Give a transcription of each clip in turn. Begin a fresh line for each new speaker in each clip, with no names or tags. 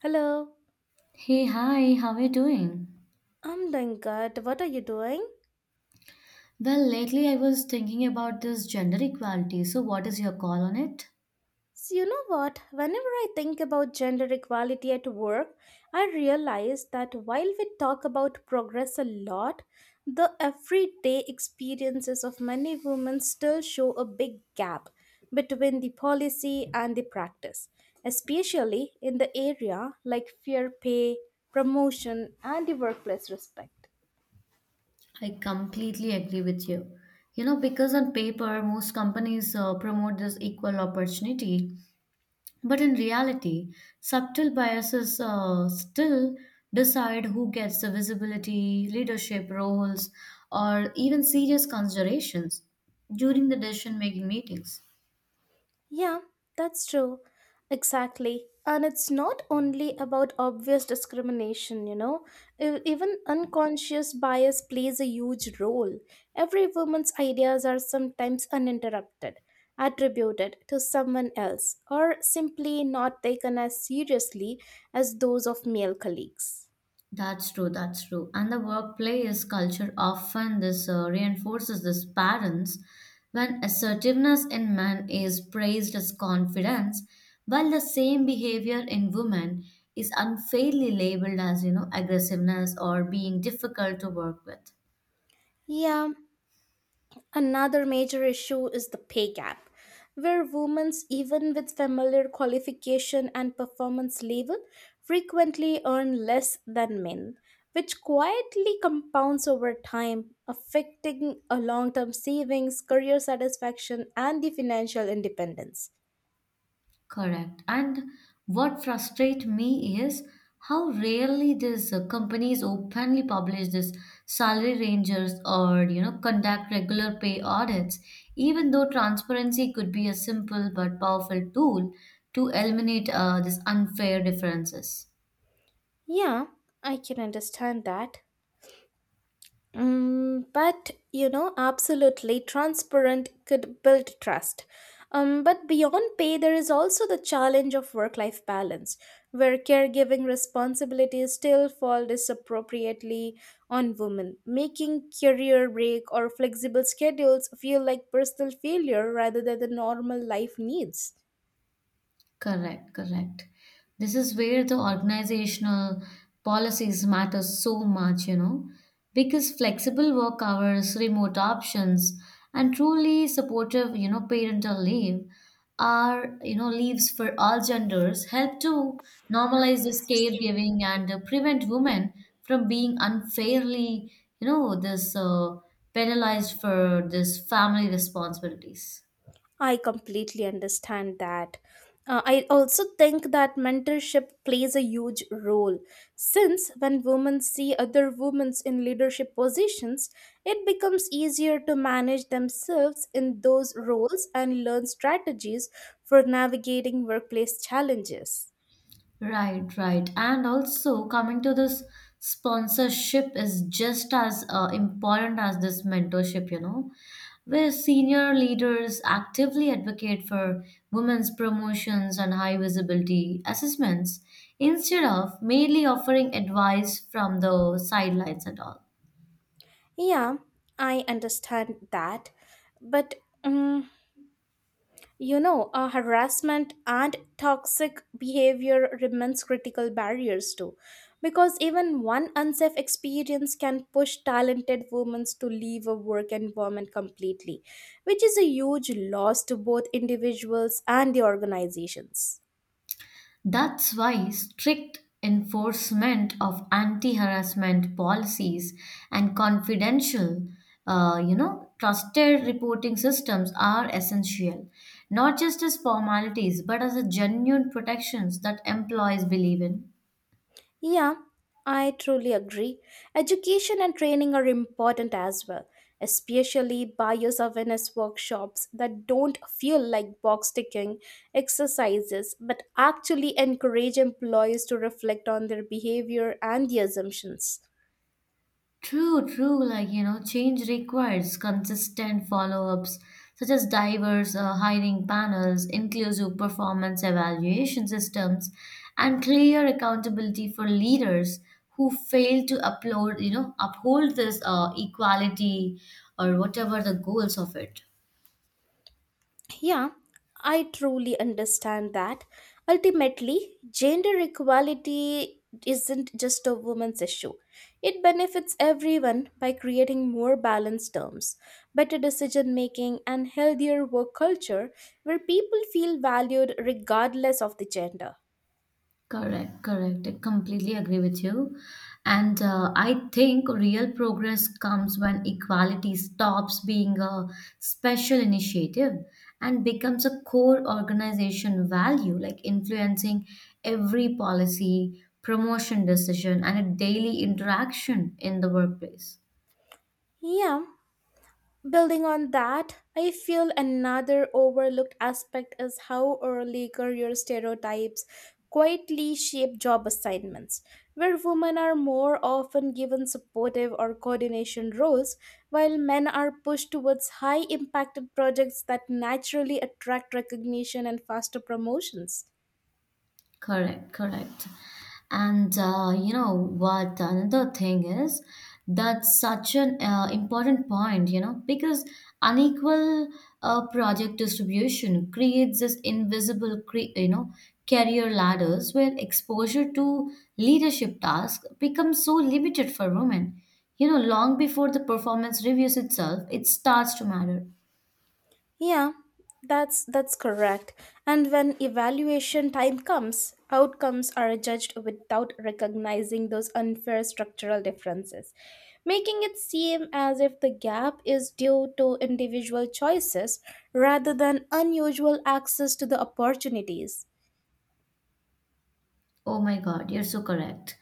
Hello,
Hey, hi, how are you doing?
I'm doing good. What are you doing?
Well, lately I was thinking about this gender equality. So, what is your call on it?
So, you know what? Whenever I think about gender equality at work, I realize that while we talk about progress a lot, the everyday experiences of many women still show a big gap between the policy and the practice, especially in the area like fair pay, promotion, and the workplace respect.
I completely agree with you. You know, because on paper, most companies promote this equal opportunity, but in reality, subtle biases still decide who gets the visibility, leadership roles, or even serious considerations during the decision making meetings.
Yeah, that's true. Exactly. And it's not only about obvious discrimination. Even unconscious bias plays a huge role. Every woman's ideas are sometimes uninterrupted, attributed to someone else, or simply not taken as seriously as those of male colleagues.
That's true. And the workplace culture often this reinforces this patterns when assertiveness in men is praised as confidence, while the same behavior in women is unfairly labeled as, you know, aggressiveness or being difficult to work with.
Yeah. Another major issue is the pay gap, where women, even with familiar qualification and performance level, frequently earn less than men, which quietly compounds over time, affecting a long-term savings, career satisfaction, and the financial independence.
Correct. And what frustrates me is how rarely these companies openly publish this salary ranges or you know conduct regular pay audits, even though transparency could be a simple but powerful tool to eliminate these unfair differences.
Yeah, I can understand that. Absolutely transparent could build trust. But beyond pay, there is also the challenge of work life balance, where caregiving responsibilities still fall disappropriately on women, making career break or flexible schedules feel like personal failure rather than the normal life needs.
Correct. This is where the organizational policies matter so much, you know, because flexible work hours, remote options, and truly supportive, you know, parental leave are, you know, leaves for all genders help to normalize this caregiving and prevent women from being unfairly, you know, this penalized for this family responsibilities.
I completely understand that. I also think that mentorship plays a huge role since when women see other women in leadership positions, it becomes easier to manage themselves in those roles and learn strategies for navigating workplace challenges.
Right. And also coming to this sponsorship is just as important as this mentorship, you know, where senior leaders actively advocate for women's promotions and high visibility assessments instead of merely offering advice from the sidelines and all.
Yeah, I understand that. But mm You know, Harassment and toxic behavior remains critical barriers too, because even one unsafe experience can push talented women to leave a work environment completely, which is a huge loss to both individuals and the organizations.
That's why strict enforcement of anti-harassment policies and confidential, you know, trusted reporting systems are essential, not just as formalities, but as a genuine protections that employees believe in.
Yeah, I truly agree. Education and training are important as well, especially bio-awareness workshops that don't feel like box ticking exercises but actually encourage employees to reflect on their behavior and the assumptions.
True. Like, you know, change requires consistent follow-ups, such as diverse hiring panels, inclusive performance evaluation systems, and clear accountability for leaders who fail to upload, you know, uphold this equality or whatever the goals of it.
Yeah, I truly understand that. Ultimately, gender equality isn't just a woman's issue. It benefits everyone by creating more balanced terms, better decision making, and healthier work culture where people feel valued regardless of the gender.
Correct. I completely agree with you. And I think real progress comes when equality stops being a special initiative and becomes a core organization value, like influencing every policy, promotion decision, and a daily interaction in the workplace.
Yeah. Building on that, I feel another overlooked aspect is how early career stereotypes quietly shape job assignments, where women are more often given supportive or coordination roles, while men are pushed towards high impacted projects that naturally attract recognition and faster promotions.
Correct. And you know what? Another thing is that's such an important point, you know, because unequal project distribution creates this invisible, you know, career ladders where exposure to leadership tasks becomes so limited for women. You know, long before the performance reviews itself, it starts to matter.
Yeah, that's correct. And when evaluation time comes, outcomes are judged without recognizing those unfair structural differences, making it seem as if the gap is due to individual choices rather than unusual access to the opportunities.
Oh my God, you're so correct.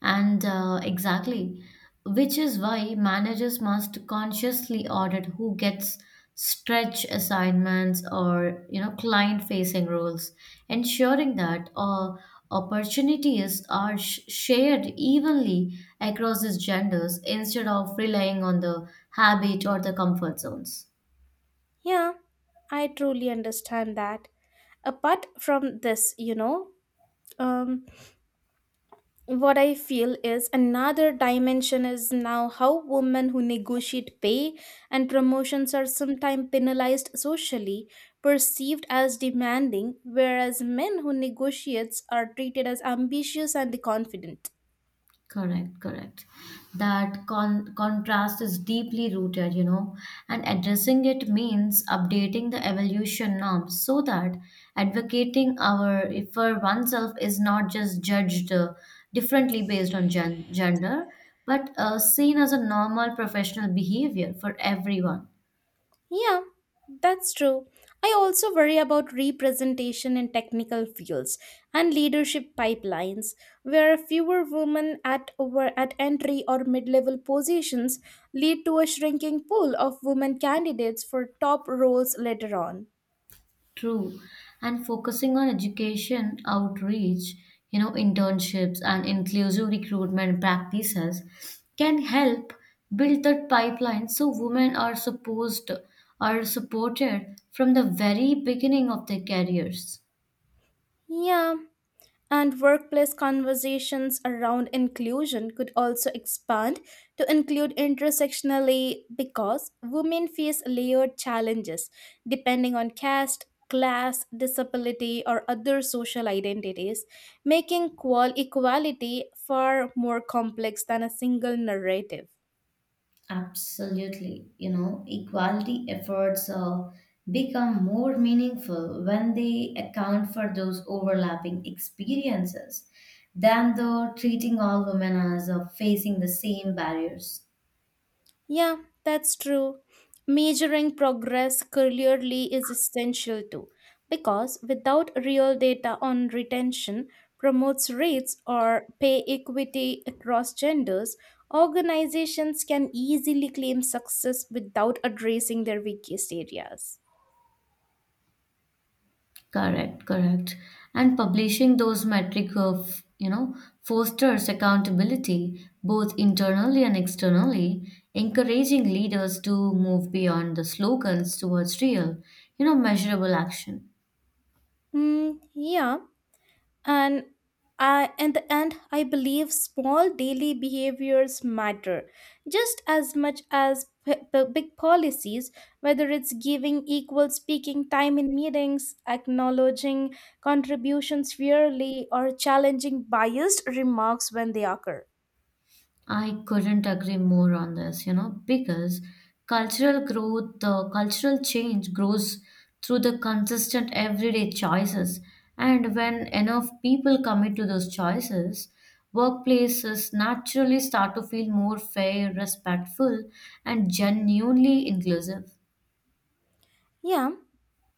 And exactly, which is why managers must consciously audit who gets stretch assignments or you know client-facing roles, ensuring that opportunities are shared evenly across these genders instead of relying on the habit or the comfort zones.
Yeah, I truly understand that. Apart from this you know um, what I feel is another dimension is now how women who negotiate pay and promotions are sometimes penalized socially, perceived as demanding, whereas men who negotiates are treated as ambitious and confident.
Correct. That contrast is deeply rooted, you know, and addressing it means updating the evolution norms so that advocating our for oneself is not just judged differently based on gender, but seen as a normal professional behavior for everyone.
Yeah, that's true. I also worry about representation in technical fields and leadership pipelines, where fewer women at over at entry or mid-level positions lead to a shrinking pool of women candidates for top roles later on.
True. And focusing on education outreach, you know, internships and inclusive recruitment practices can help build that pipeline so women are supposed are supported from the very beginning of their careers.
Yeah. And workplace conversations around inclusion could also expand to include intersectionally because women face layered challenges depending on caste, class, disability, or other social identities, making equality far more complex than a single narrative.
Absolutely. You know, equality efforts become more meaningful when they account for those overlapping experiences than the treating all women as facing the same barriers.
Yeah, that's true. Measuring progress clearly is essential too, because without real data on retention, promotes rates, or pay equity across genders, organizations can easily claim success without addressing their weakest areas.
Correct. And publishing those metric of, you know, fosters accountability both internally and externally, encouraging leaders to move beyond the slogans towards real, you know, measurable action.
Mm, yeah, and in the end, I believe small daily behaviors matter just as much as big policies, whether it's giving equal speaking time in meetings, acknowledging contributions fairly, or challenging biased remarks when they occur.
I couldn't agree more on this, you know, because cultural growth, cultural change grows through the consistent everyday choices. And when enough people commit to those choices, workplaces naturally start to feel more fair, respectful, and genuinely inclusive.
Yeah,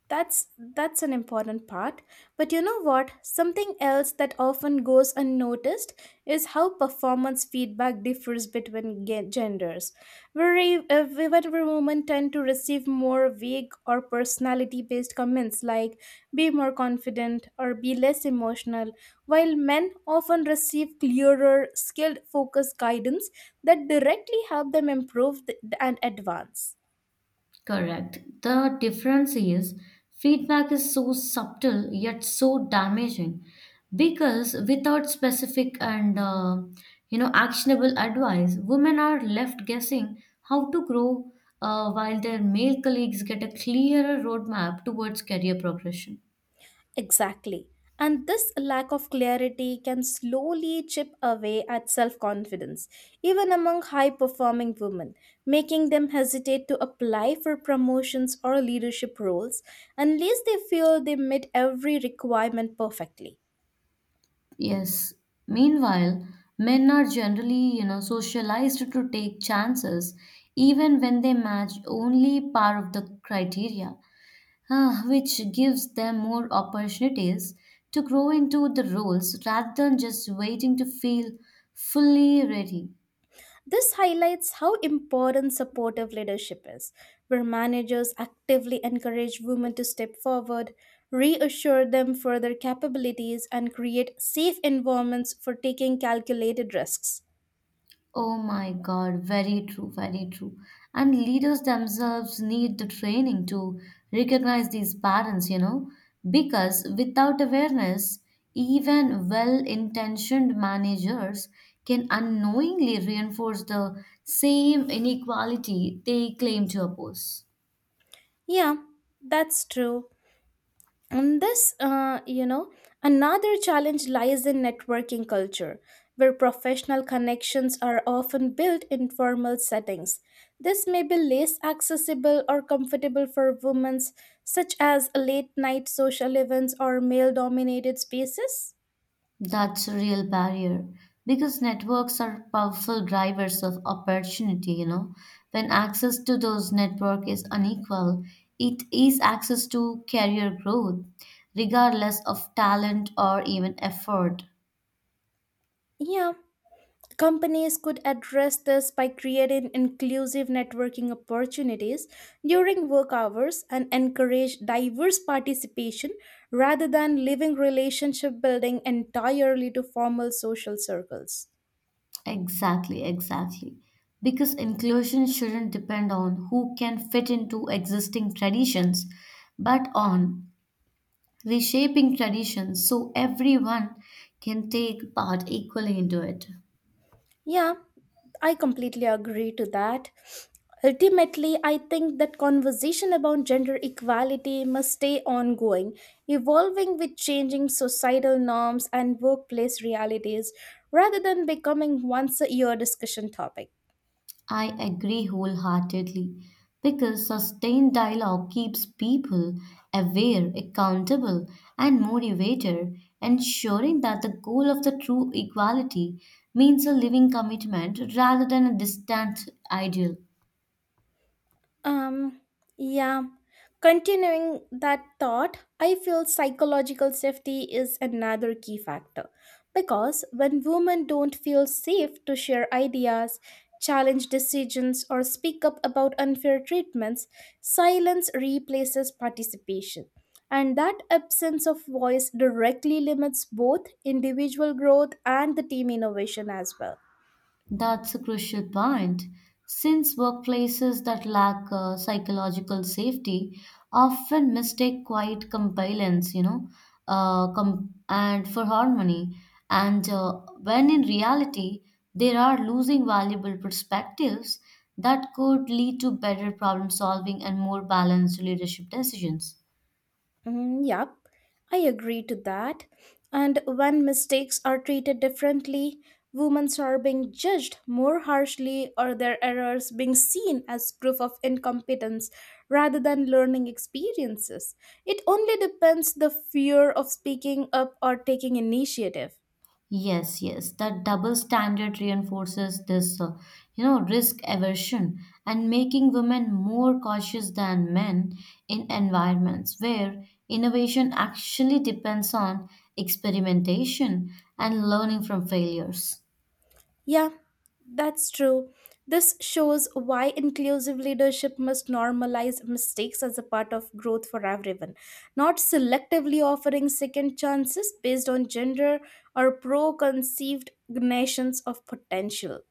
that's that's an important part. But you know what something else that often goes unnoticed is how performance feedback differs between genders, very whenever women tend to receive more vague or personality based comments like be more confident or be less emotional, while men often receive clearer skilled focused guidance that directly help them improve and advance.
Correct. The difference is feedback is so subtle yet so damaging because without specific and you know actionable advice, women are left guessing how to grow while their male colleagues get a clearer roadmap towards career progression.
Exactly. And this lack of clarity can slowly chip away at self confidence, even among high performing women, making them hesitate to apply for promotions or leadership roles unless they feel they meet every requirement perfectly.
Yes. Meanwhile, men are generally, you know, socialized to take chances even when they match only part of the criteria. Which gives them more opportunities to grow into the roles rather than just waiting to feel fully ready.
This highlights how important supportive leadership is, where managers actively encourage women to step forward, reassure them for their capabilities, and create safe environments for taking calculated risks.
Oh my God, very true. And leaders themselves need the training to recognize these patterns, you know, because without awareness, even well intentioned managers can unknowingly reinforce the same inequality they claim to oppose.
Yeah, that's true. And this, you know, Another challenge lies in networking culture, where professional connections are often built in formal settings. This may be less accessible or comfortable for women, such as late night social events or male dominated spaces.
That's a real barrier because networks are powerful drivers of opportunity, you know. When access to those network is unequal, it is access to career growth, regardless of talent or even effort.
Yeah. Companies could address this by creating inclusive networking opportunities during work hours and encourage diverse participation rather than leaving relationship building entirely to formal social circles.
Exactly. Because inclusion shouldn't depend on who can fit into existing traditions, but on reshaping traditions so everyone can take part equally into it.
Yeah, I completely agree to that. Ultimately, I think that conversation about gender equality must stay ongoing, evolving with changing societal norms and workplace realities rather than becoming once a year discussion topic.
I agree wholeheartedly because sustained dialogue keeps people aware, accountable, and motivated, ensuring that the goal of the true equality means a living commitment rather than a distant ideal.
Um yeah, Continuing that thought, I feel psychological safety is another key factor because when women don't feel safe to share ideas, challenge decisions, or speak up about unfair treatments, silence replaces participation. And that absence of voice directly limits both individual growth and the team innovation as well.
That's a crucial point. Since workplaces that lack psychological safety often mistake quiet compliance, you know, and for harmony, and when in reality they are losing valuable perspectives that could lead to better problem solving and more balanced leadership decisions.
Mm, yep, I agree to that. And when mistakes are treated differently, women are being judged more harshly or their errors being seen as proof of incompetence rather than learning experiences. It only depends the fear of speaking up or taking initiative.
Yes. That double standard reinforces this, you know, risk aversion and making women more cautious than men in environments where innovation actually depends on experimentation and learning from failures.
Yeah, that's true. This shows why inclusive leadership must normalize mistakes as a part of growth for everyone, not selectively offering second chances based on gender or preconceived notions of potential.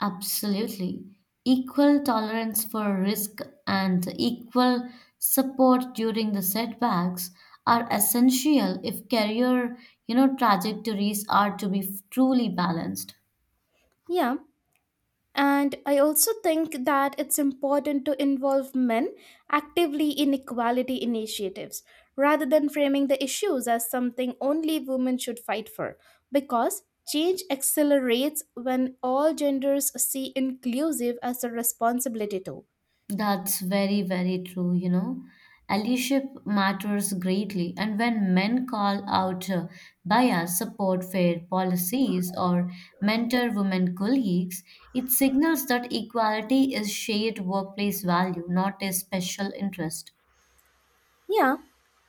Absolutely. Equal tolerance for risk and equal support during the setbacks are essential if career, you know, trajectories are to be truly balanced.
Yeah. And I also think that it's important to involve men actively in equality initiatives rather than framing the issues as something only women should fight for, because change accelerates when all genders see inclusive as a responsibility too.
That's very, very true, you know. Allyship matters greatly, and when men call out bias, support fair policies, or mentor women colleagues, it signals that equality is shared workplace value, not a special interest.
Yeah,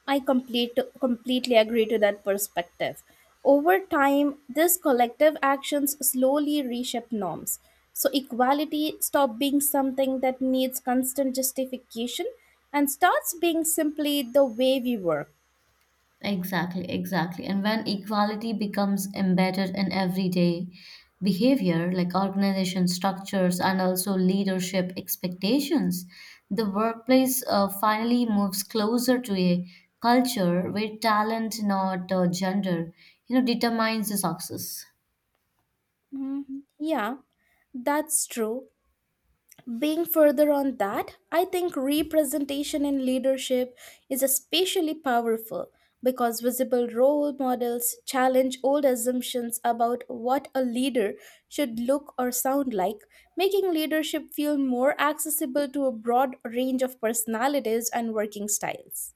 I completely agree to that perspective. Over time, these collective actions slowly reshape norms. So, equality stops being something that needs constant justification and starts being simply the way we work.
Exactly. And when equality becomes embedded in everyday behavior, like organization structures and also leadership expectations, the workplace finally moves closer to a culture where talent, not gender, you know, determines the success.
Mm, yeah, that's true. Being further on that, I think representation in leadership is especially powerful because visible role models challenge old assumptions about what a leader should look or sound like, making leadership feel more accessible to a broad range of personalities and working styles.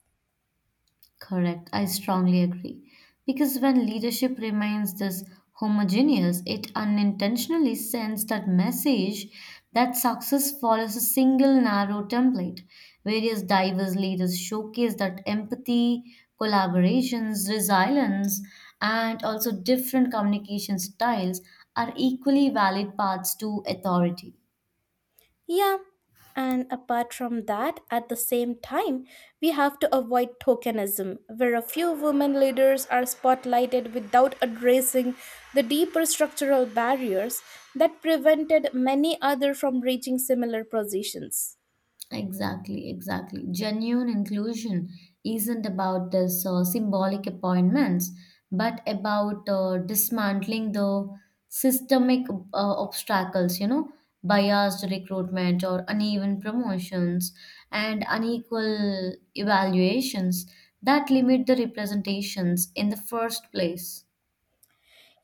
Correct. I strongly agree. Because when leadership remains this homogeneous, it unintentionally sends that message that success follows a single narrow template. Various diverse leaders showcase that empathy, collaborations, resilience, and also different communication styles are equally valid paths to authority.
Yeah, and apart from that, at the same time, we have to avoid tokenism, where a few women leaders are spotlighted without addressing the deeper structural barriers that prevented many others from reaching similar positions.
Exactly. Genuine inclusion isn't about this symbolic appointments, but about dismantling the systemic obstacles, you know, biased recruitment or uneven promotions and unequal evaluations that limit the representations in the first place.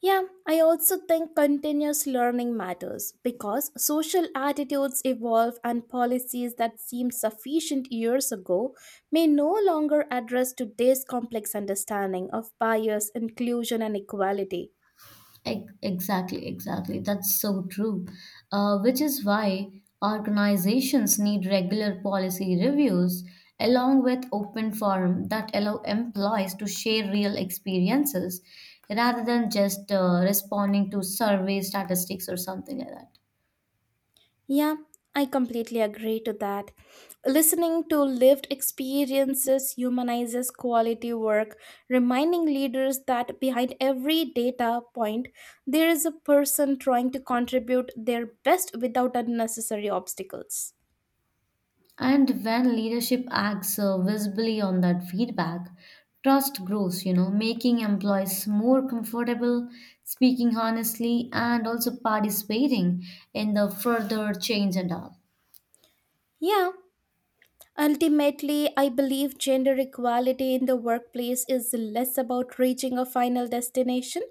Yeah, I also think continuous learning matters because social attitudes evolve and policies that seemed sufficient years ago may no longer address today's complex understanding of bias, inclusion, and equality.
Exactly. That's so true. Which is why organizations need regular policy reviews along with open forum that allow employees to share real experiences rather than just responding to survey statistics or something like that.
Yeah, I completely agree to that. Listening to lived experiences humanizes quality work, reminding leaders that behind every data point, there is a person trying to contribute their best without unnecessary obstacles.
And when leadership acts visibly on that feedback, trust grows, you know, making employees more comfortable, speaking honestly, and also participating in the further change and all.
Yeah. Ultimately, I believe gender equality in the workplace is less about reaching a final destination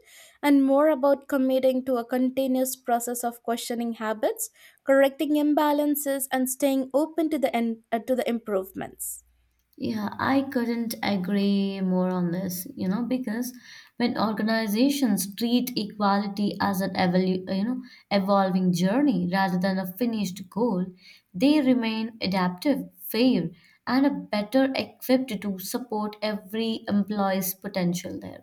and more about committing to a continuous process of questioning habits, correcting imbalances, and staying open to to the improvements.
Yeah, I couldn't agree more on this, you know, because when organizations treat equality as an you know, evolving journey rather than a finished goal, they remain adaptive, fair, and are better equipped to support every employee's potential there.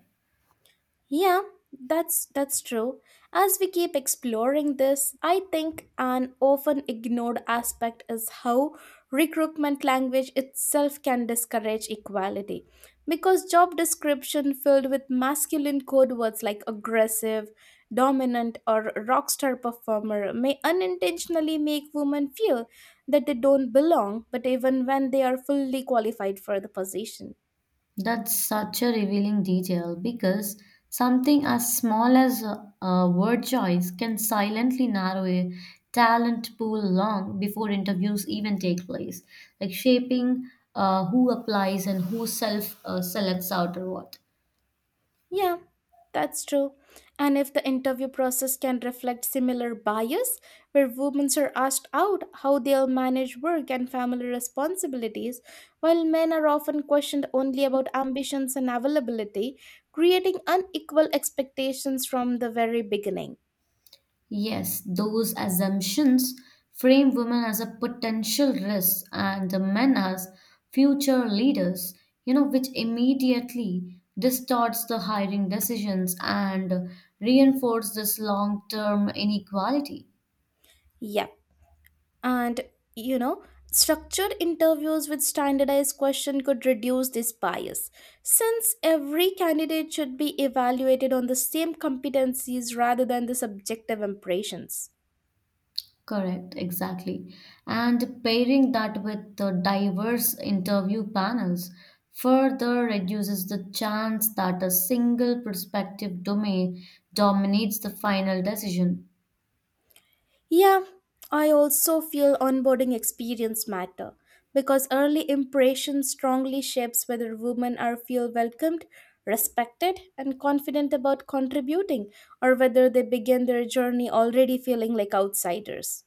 Yeah, that's true. As we keep exploring this, I think an often ignored aspect is how recruitment language itself can discourage equality. Because job description filled with masculine code words like aggressive, dominant or rock star performer may unintentionally make women feel that they don't belong, but even when they are fully qualified for the position.
That's such a revealing detail because something as small as a word choice can silently narrow a talent pool long before interviews even take place, like shaping who applies and who self selects out or what.
Yeah, that's true. And if the interview process can reflect similar bias, where women are asked out how they'll manage work and family responsibilities, while men are often questioned only about ambitions and availability, creating unequal expectations from the very beginning.
Yes, those assumptions frame women as a potential risk and the men as future leaders, you know, which immediately distorts the hiring decisions and reinforce this long-term inequality.
Yep. And, you know, Structured interviews with standardized question could reduce this bias since every candidate should be evaluated on the same competencies rather than the subjective impressions.
Correct, exactly. And pairing that with the diverse interview panels further reduces the chance that a single prospective domain dominates the final decision.
Yeah, I also feel onboarding experience matter because early impression strongly shapes whether women are feel welcomed, respected and confident about contributing or whether they begin their journey already feeling like outsiders.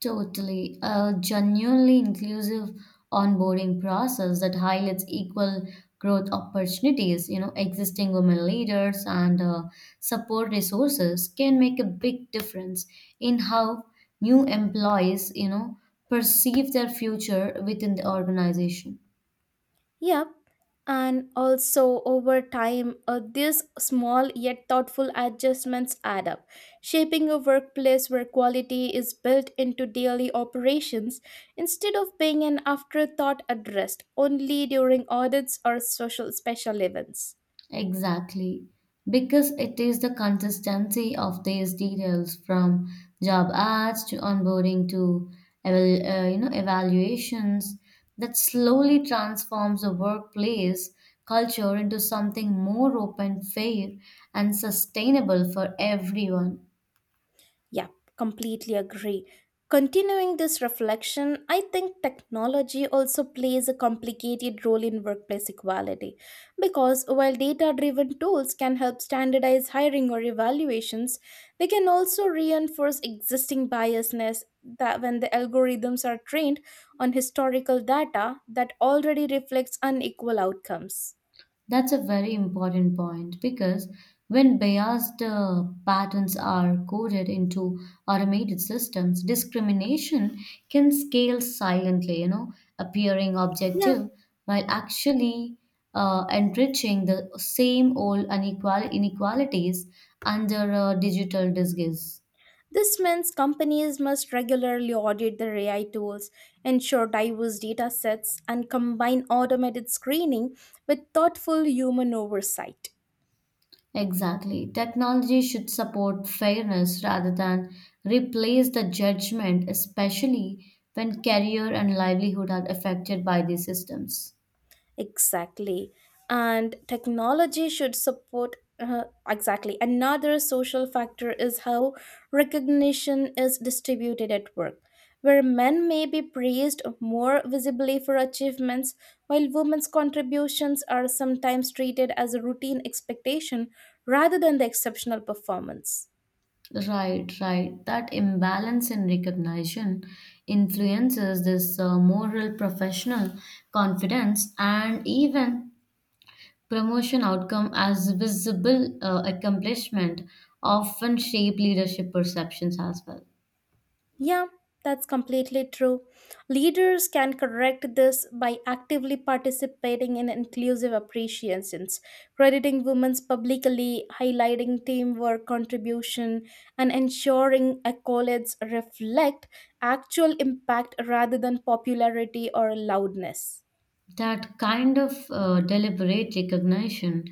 Totally. A genuinely inclusive onboarding process that highlights equal growth opportunities, you know, existing women leaders and support resources can make a big difference in how new employees, you know, perceive their future within the organization.
Yep. And also over time, these small yet thoughtful adjustments add up, shaping a workplace where quality is built into daily operations instead of being an afterthought addressed only during audits or social special events.
Exactly, because it is the consistency of these details from job ads to onboarding to you know evaluations that slowly transforms a workplace culture into something more open, fair, and sustainable for everyone.
Yep, completely agree. Continuing this reflection, I think technology also plays a complicated role in workplace equality. Because while data driven tools can help standardize hiring or evaluations, they can also reinforce existing biasness that when the algorithms are trained on historical data that already reflects unequal outcomes.
That's a very important point because when biased patterns are coded into automated systems, discrimination can scale silently, you know, appearing
Yeah.
objective while actually enriching the same old unequal inequalities under a digital disguise.
This means companies must regularly audit their AI tools, ensure diverse data sets, and combine automated screening with thoughtful human oversight.
Exactly. Technology should support fairness rather than replace the judgment, especially when career and livelihood are affected by these systems.
Exactly. And technology should support, exactly. Another social factor is how recognition is distributed at work, where men may be praised more visibly for achievements, while women's contributions are sometimes treated as a routine expectation rather than the exceptional performance.
Right. That imbalance in recognition influences this moral, professional confidence, and even promotion outcome as visible accomplishment often shape leadership perceptions as well.
Yeah, that's completely true. Leaders can correct this by actively participating in inclusive appreciations, crediting women's publicly, highlighting teamwork contribution, and ensuring accolades reflect actual impact rather than popularity or loudness.
That kind of deliberate recognition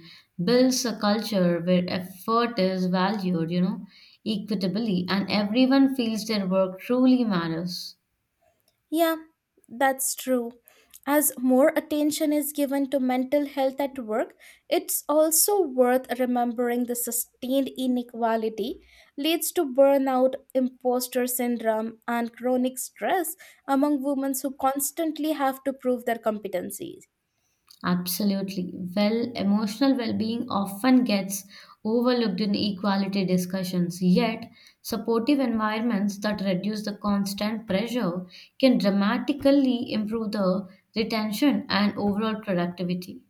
builds a culture where effort is valued, you know, equitably, and everyone feels their work truly matters.
Yeah, that's true. As more attention is given to mental health at work, it's also worth remembering the sustained inequality leads to burnout, imposter syndrome, and chronic stress among women who constantly have to prove their competencies.
Absolutely. Well, emotional well being often gets overlooked in equality discussions, yet, supportive environments that reduce the constant pressure can dramatically improve the retention and overall productivity.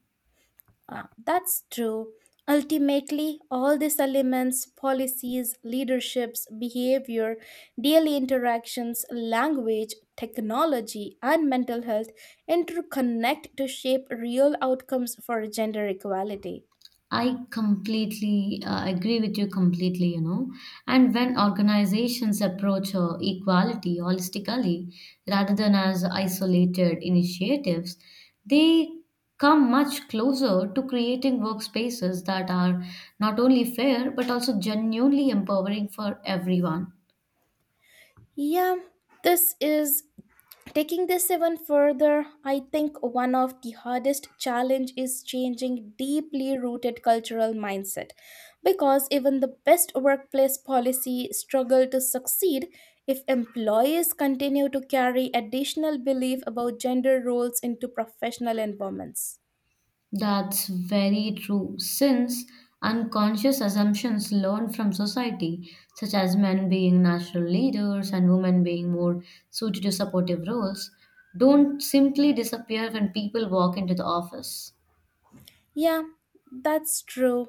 Ah, that's true. Ultimately, all these elements policies, leaderships, behavior, daily interactions, language, technology, and mental health interconnect to shape real outcomes for gender equality.
I completely agree with you completely, you know. And when organizations approach equality holistically rather than as isolated initiatives, they come much closer to creating workspaces that are not only fair but also genuinely empowering for everyone.
Yeah, this is taking this even further, I think one of the hardest challenge is changing deeply rooted cultural mindset, because even the best workplace policy struggle to succeed if employees continue to carry additional belief about gender roles into professional environments.
That's very true, since unconscious assumptions learned from society, such as men being natural leaders and women being more suited to supportive roles, don't simply disappear when people walk into the office.
Yeah, that's true.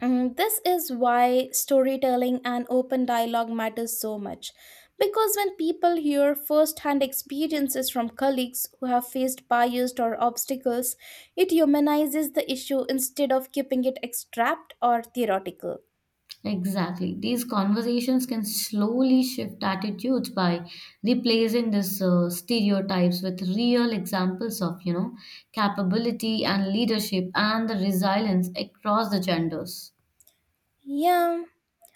This is why storytelling and open dialogue matters so much. Because when people hear first hand experiences from colleagues who have faced bias or obstacles, it humanizes the issue instead of keeping it abstract or theoretical.
Exactly. These conversations can slowly shift attitudes by replacing these stereotypes with real examples of, you know, capability and leadership and the resilience across the genders.
Yeah.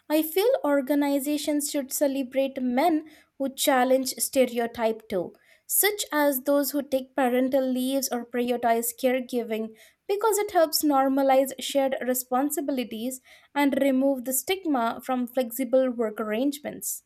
I feel organizations should celebrate men who challenge stereotype too, such as those who take parental leaves or prioritize caregiving, because it helps normalize shared responsibilities and remove the stigma from flexible work arrangements.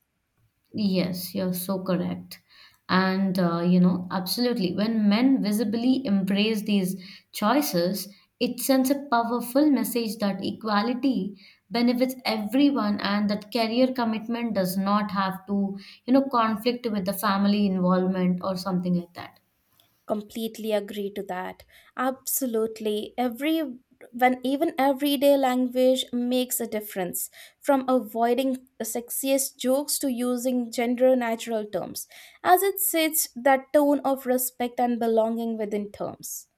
Yes, you're so correct. And, you know, absolutely. When men visibly embrace these choices, it sends a powerful message that equality benefits everyone and that career commitment does not have to, you know, conflict with the family involvement or something like that.
Completely agree to that. Absolutely every when Even everyday language makes a difference, from avoiding the sexiest jokes to using gender natural terms, as it sets that tone of respect and belonging within terms.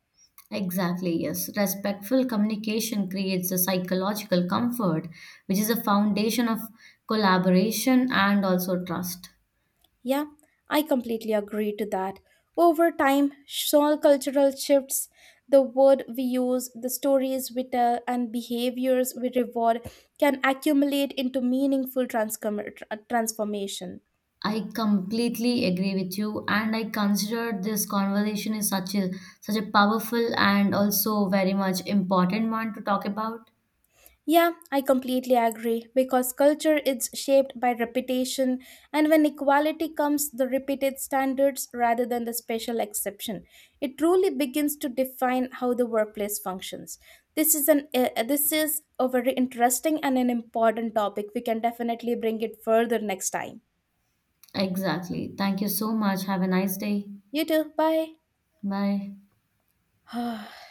Exactly, yes. Respectful communication creates a psychological comfort, which is a foundation of collaboration and also trust.
Yeah, I completely agree to that. Over time, small cultural shifts, the word we use, the stories we tell, and behaviors we reward can accumulate into meaningful transformation.
I completely agree with you, and I consider this conversation is such a powerful and also very much important one to talk about.
Yeah, I completely agree because culture is shaped by reputation, and when equality comes, the repeated standards rather than the special exception. It truly begins to define how the workplace functions. This is an this is a very interesting and an important topic. We can definitely bring it further next time.
Exactly. Thank you so much. Have a nice day.
You too. Bye.
Bye.